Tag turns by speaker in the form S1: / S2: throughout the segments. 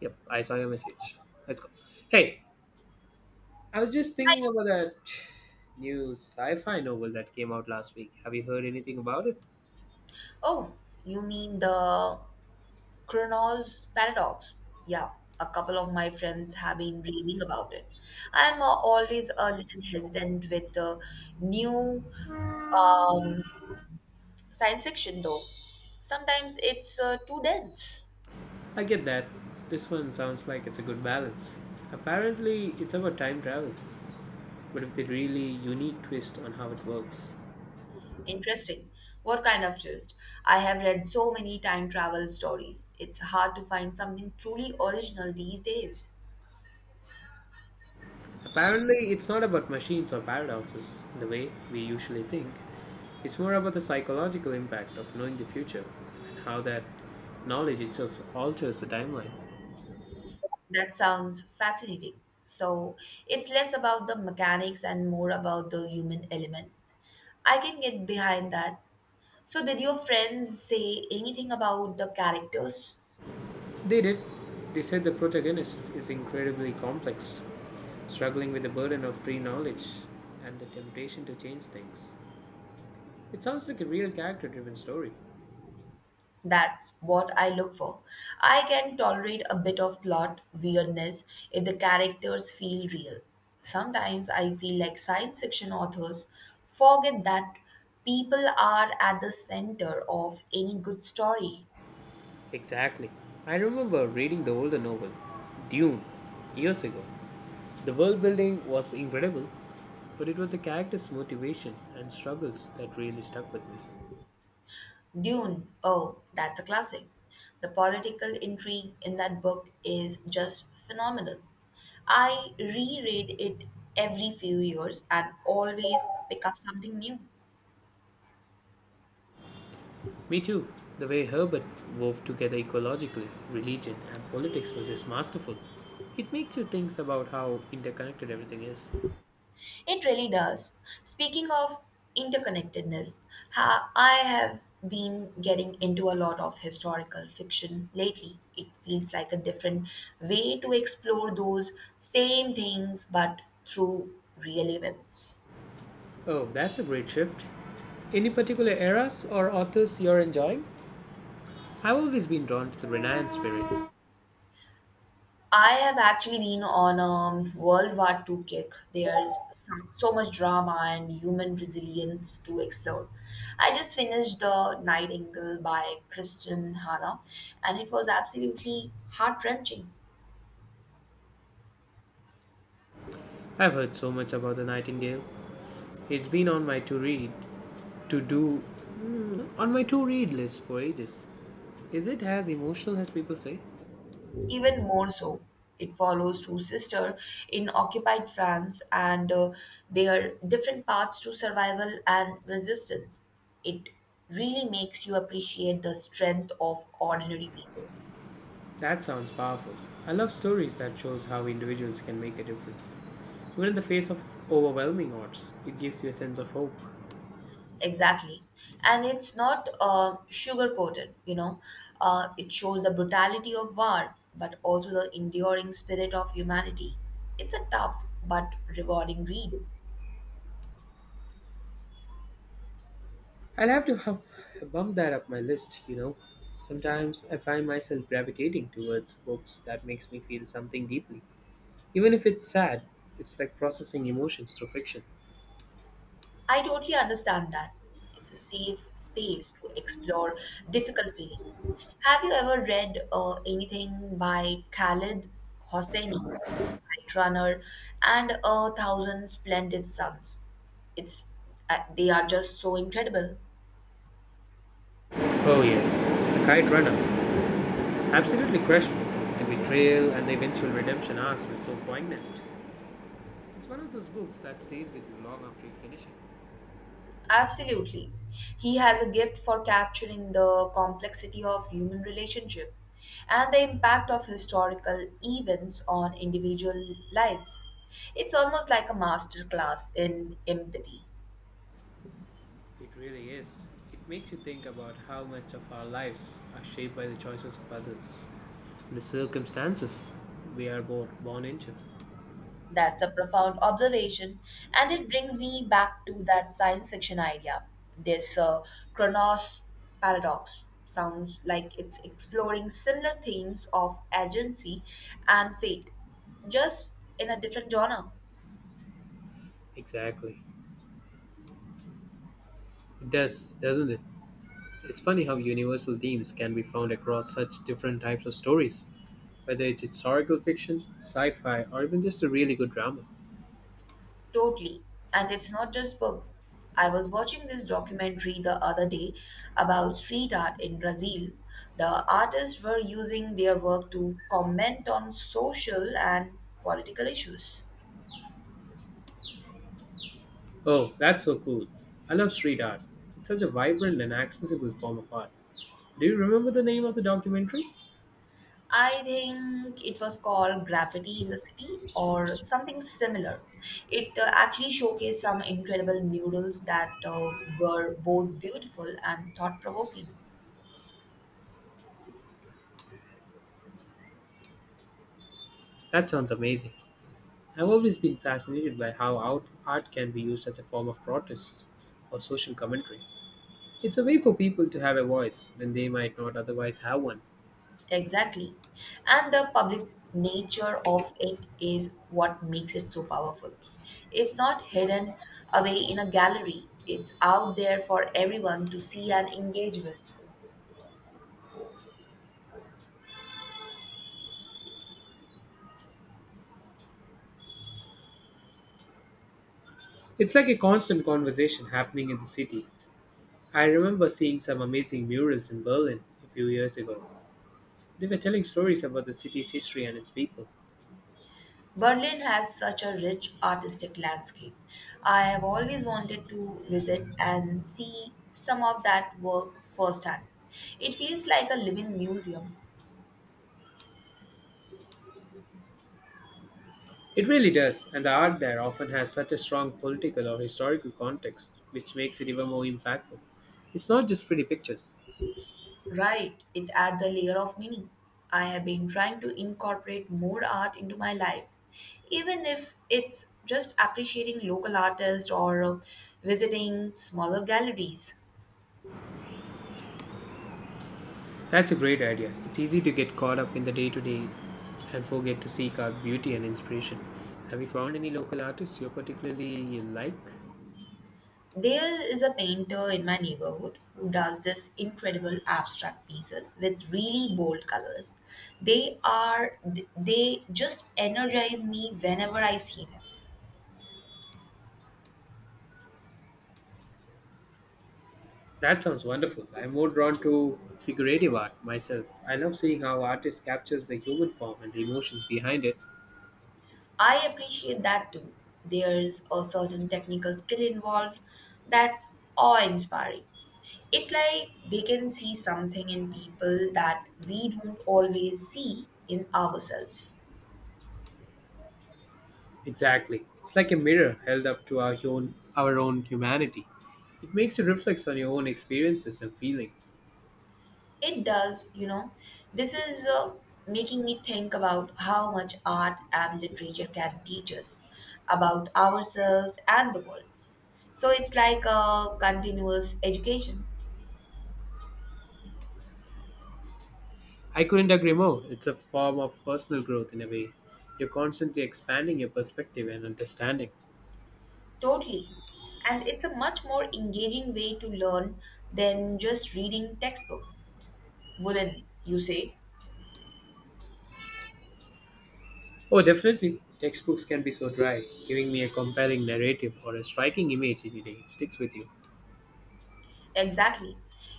S1: Yep, I saw your message. Let's go. Hey, I was just thinking about that new sci fi novel that came out last week. Have you heard anything about it?
S2: Oh, you mean the Chronos paradox? Yeah, a couple of my friends have been raving about it. I'm always a little hesitant with new um, science fiction, though. Sometimes it's too dense.
S1: I get that. This one sounds like it's a good balance. Apparently, it's about time travel, but with a really unique twist on how it works.
S2: Interesting. What kind of twist? I have read so many time travel stories. It's hard to find something truly original these days.
S1: Apparently, it's not about machines or paradoxes, the way we usually think. It's more about the psychological impact of knowing the future and how that knowledge itself alters the timeline.
S2: That sounds fascinating. So it's less about the mechanics and more about the human element. I can get behind that. So, did your friends say anything about the characters?
S1: They did. They said the protagonist is incredibly complex, struggling with the burden of pre knowledge and the temptation to change things. It sounds like a real character driven story.
S2: That's what I look for. I can tolerate a bit of plot weirdness if the characters feel real. Sometimes I feel like science fiction authors forget that people are at the center of any good story.
S1: Exactly. I remember reading the older novel, Dune, years ago. The world building was incredible, but it was the character's motivation and struggles that really stuck with me.
S2: Dune, oh, that's a classic. The political intrigue in that book is just phenomenal. I reread it every few years and always pick up something new.
S1: Me too. The way Herbert wove together ecologically, religion, and politics was just masterful. It makes you think about how interconnected everything is.
S2: It really does. Speaking of interconnectedness, I have been getting into a lot of historical fiction lately. It feels like a different way to explore those same things but through real events.
S1: Oh, that's a great shift. Any particular eras or authors you're enjoying? I've always been drawn to the Renaissance period.
S2: I have actually been on a World War Two kick. There's so much drama and human resilience to explore. I just finished The Nightingale by Christian Hanna, and it was absolutely heart wrenching.
S1: I've heard so much about the Nightingale. It's been on my to read, to do, on my to read list for ages. Is it as emotional as people say?
S2: Even more so, it follows two sisters in occupied France and their different paths to survival and resistance. It really makes you appreciate the strength of ordinary people.
S1: That sounds powerful. I love stories that shows how individuals can make a difference. Even in the face of overwhelming odds, it gives you a sense of hope.
S2: Exactly. And it's not sugar coated. It shows the brutality of war, but also the enduring spirit of humanity. It's a tough but rewarding read.
S1: I'll have to bump that up my list. Sometimes I find myself gravitating towards books that makes me feel something deeply. Even if it's sad, it's like processing emotions through fiction.
S2: I totally understand that. It's a safe space to explore difficult feelings. Have you ever read anything by Khalid Hosseini, The Kite Runner, and A Thousand Splendid Suns? It's they are just so incredible.
S1: Oh yes, The Kite Runner. Absolutely crushed me. The betrayal and the eventual redemption arcs were so poignant. It's one of those books that stays with you long after you finish it.
S2: Absolutely. He has a gift for capturing the complexity of human relationship and the impact of historical events on individual lives. It's almost like a masterclass in empathy.
S1: It really is. It makes you think about how much of our lives are shaped by the choices of others, the circumstances we are both born into.
S2: That's a profound observation, and it brings me back to that science fiction idea. This Kronos paradox sounds like it's exploring similar themes of agency and fate, just in a different genre.
S1: Exactly. It does, doesn't it? It's funny how universal themes can be found across such different types of stories, whether it's historical fiction, sci fi, or even just a really good drama.
S2: Totally. And it's not just book. I was watching this documentary the other day about street art in Brazil. The artists were using their work to comment on social and political issues.
S1: Oh, that's so cool. I love street art. It's such a vibrant and accessible form of art. Do you remember the name of the documentary?
S2: I think it was called Graffiti in the City or something similar. It actually showcased some incredible murals that were both beautiful and thought provoking.
S1: That sounds amazing. I've always been fascinated by how art can be used as a form of protest or social commentary. It's a way for people to have a voice when they might not otherwise have one.
S2: Exactly. And the public nature of it is what makes it so powerful. It's not hidden away in a gallery, it's out there for everyone to see and engage with.
S1: It's like a constant conversation happening in the city. I remember seeing some amazing murals in Berlin a few years ago. They were telling stories about the city's history and its people.
S2: Berlin has such a rich artistic landscape. I have always wanted to visit and see some of that work firsthand. It feels like a living museum.
S1: It really does, and the art there often has such a strong political or historical context, which makes it even more impactful. It's not just pretty pictures.
S2: Right, it adds a layer of meaning. I have been trying to incorporate more art into my life, even if it's just appreciating local artists or visiting smaller galleries.
S1: That's a great idea. It's easy to get caught up in the day to day and forget to seek out beauty and inspiration. Have you found any local artists you particularly like?
S2: There is a painter in my neighborhood who does this incredible abstract pieces with really bold colors. They are they just energize me whenever I see them.
S1: That sounds wonderful. I'm more drawn to figurative art myself. I love seeing how artists captures the human form and the emotions behind it.
S2: I appreciate that too. There's a certain technical skill involved that's awe inspiring. It's like they can see something in people that we don't always see in ourselves.
S1: Exactly. It's like a mirror held up to our own humanity. It makes you reflect on your own experiences and feelings.
S2: It does, you know. This is making me think about how much art and literature can teach us about ourselves and the world. So it's like a continuous education.
S1: I couldn't agree more. It's a form of personal growth in a way. You're constantly expanding your perspective and understanding.
S2: Totally. And it's a much more engaging way to learn than just reading textbook, wouldn't you say?
S1: Oh, definitely. Textbooks can be so dry, giving me a compelling narrative or a striking image any day. It sticks with you.
S2: Exactly.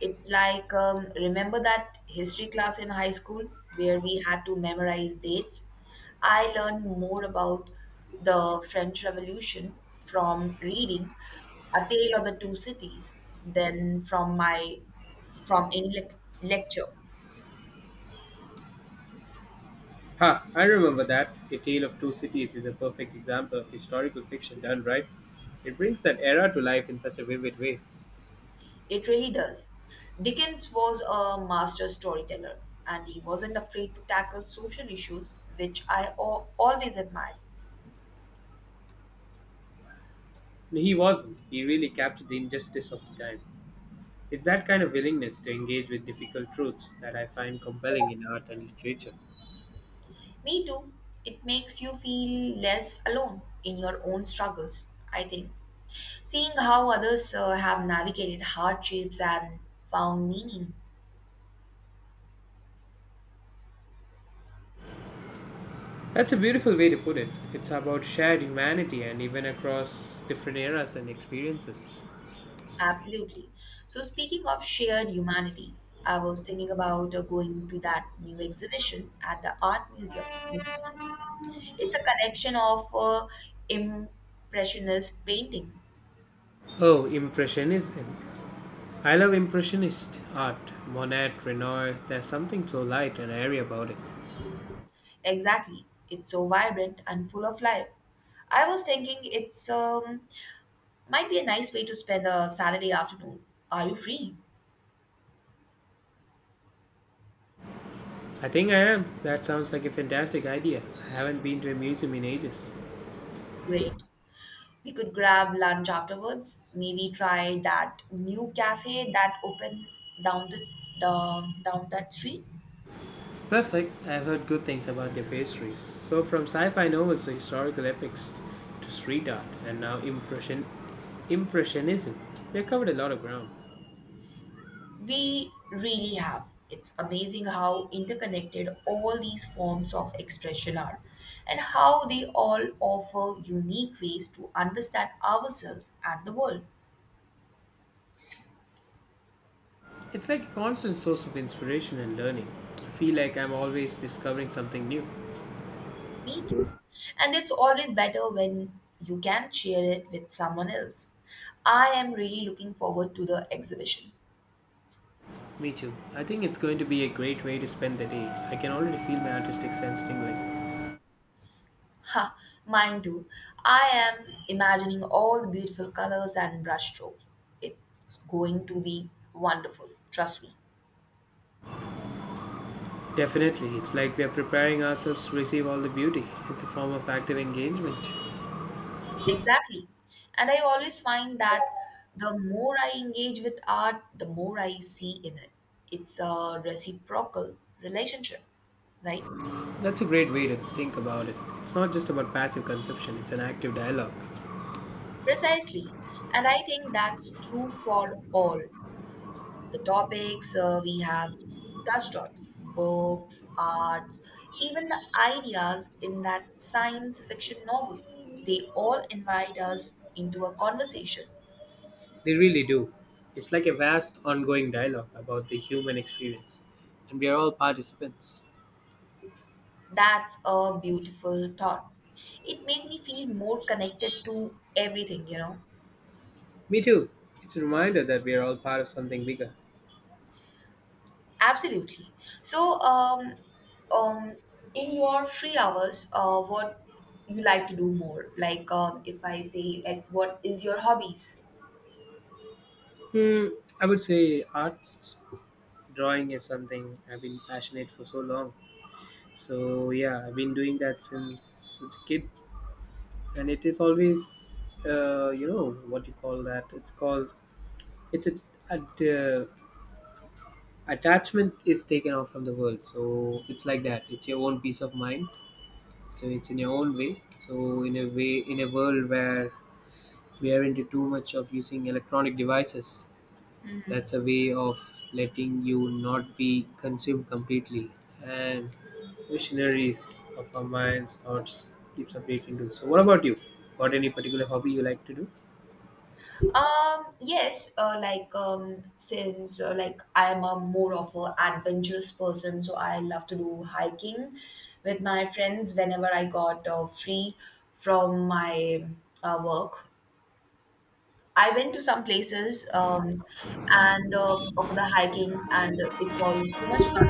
S2: It's like, remember that history class in high school where we had to memorize dates? I learned more about the French Revolution from reading A Tale of the Two Cities than from any lecture.
S1: Ha, I remember that. A Tale of Two Cities is a perfect example of historical fiction done right. It brings that era to life in such a vivid way.
S2: It really does. Dickens was a master storyteller and he wasn't afraid to tackle social issues, which I always admired.
S1: And He wasn't. He really captured the injustice of the time. It's that kind of willingness to engage with difficult truths that I find compelling in art and literature.
S2: Me too. It makes you feel less alone in your own struggles, I think. Seeing how others have navigated hardships and found meaning.
S1: That's a beautiful way to put it. It's about shared humanity and even across different eras and experiences.
S2: Absolutely. So, speaking of shared humanity, I was thinking about going to that new exhibition at the Art Museum next week. It's a collection of impressionist painting.
S1: Oh, Impressionism. I love Impressionist art. Monet, Renoir, there's something so light and airy about it.
S2: Exactly. It's so vibrant and full of life. I was thinking it's might be a nice way to spend a Saturday afternoon. Are you free?
S1: I think I am. That sounds like a fantastic idea. I haven't been to a museum in ages.
S2: Great. We could grab lunch afterwards. Maybe try that new cafe that opened down the down that street.
S1: Perfect. I've heard good things about their pastries. So, from sci fi novels to historical epics to street art and now impression, Impressionism, we've covered a lot of ground.
S2: We really have. It's amazing how interconnected all these forms of expression are and how they all offer unique ways to understand ourselves and the world.
S1: It's like a constant source of inspiration and learning. I feel like I'm always discovering something new.
S2: Me too. And it's always better when you can share it with someone else. I am really looking forward to the exhibition.
S1: Me too. I think it's going to be a great way to spend the day. I can already feel my artistic sense tingling.
S2: Ha, mine too. I am imagining all the beautiful colors and brushstrokes. It's going to be wonderful, trust me.
S1: Definitely, it's like we are preparing ourselves to receive all the beauty. It's a form of active engagement.
S2: Exactly. And I always find that the more I engage with art, the more I see in it. It's a reciprocal relationship, right?
S1: That's a great way to think about it. It's not just about passive consumption, it's an active dialogue.
S2: Precisely. And I think that's true for all the topics we have touched on books, art, even the ideas in that science fiction novel. They all invite us into a conversation.
S1: They really do. It's like a vast ongoing dialogue about the human experience, and we are all participants.
S2: That's a beautiful thought. It made me feel more connected to everything, you know.
S1: Me too. It's a reminder that we are all part of something bigger.
S2: Absolutely. So, um, in your free hours, what you like to do more? Like, if I say, like, what is your hobbies?
S1: Hmm, I would say arts drawing is something I've been passionate for so long. So yeah, I've been doing that since a kid, and it is always, you know, what you call that? It's called it's a attachment is taken off from the world. So it's like that. It's your own peace of mind. So it's in your own way. So in a way, in a world where we are into too much of using electronic devices, that's a way of letting you not be consumed completely. And visionaries of our minds, thoughts keeps updating too. So what about you? Got any particular hobby you like to do?
S2: Yes, like since like I am a more of a adventurous person, so I love to do hiking with my friends whenever I got free from my work. I went to some places and for the hiking, and it was too much fun.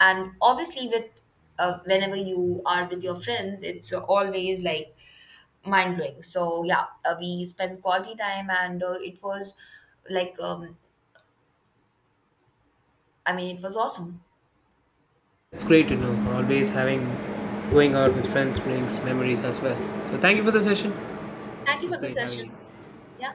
S2: And obviously, with whenever you are with your friends, it's always like mind blowing. So yeah, we spent quality time, and it was like it was awesome.
S1: It's great to know. Always having going out with friends brings memories as well. So thank you for the session.
S2: Thank
S1: It
S2: you
S1: was
S2: for the
S1: great having you.
S2: session. Yeah.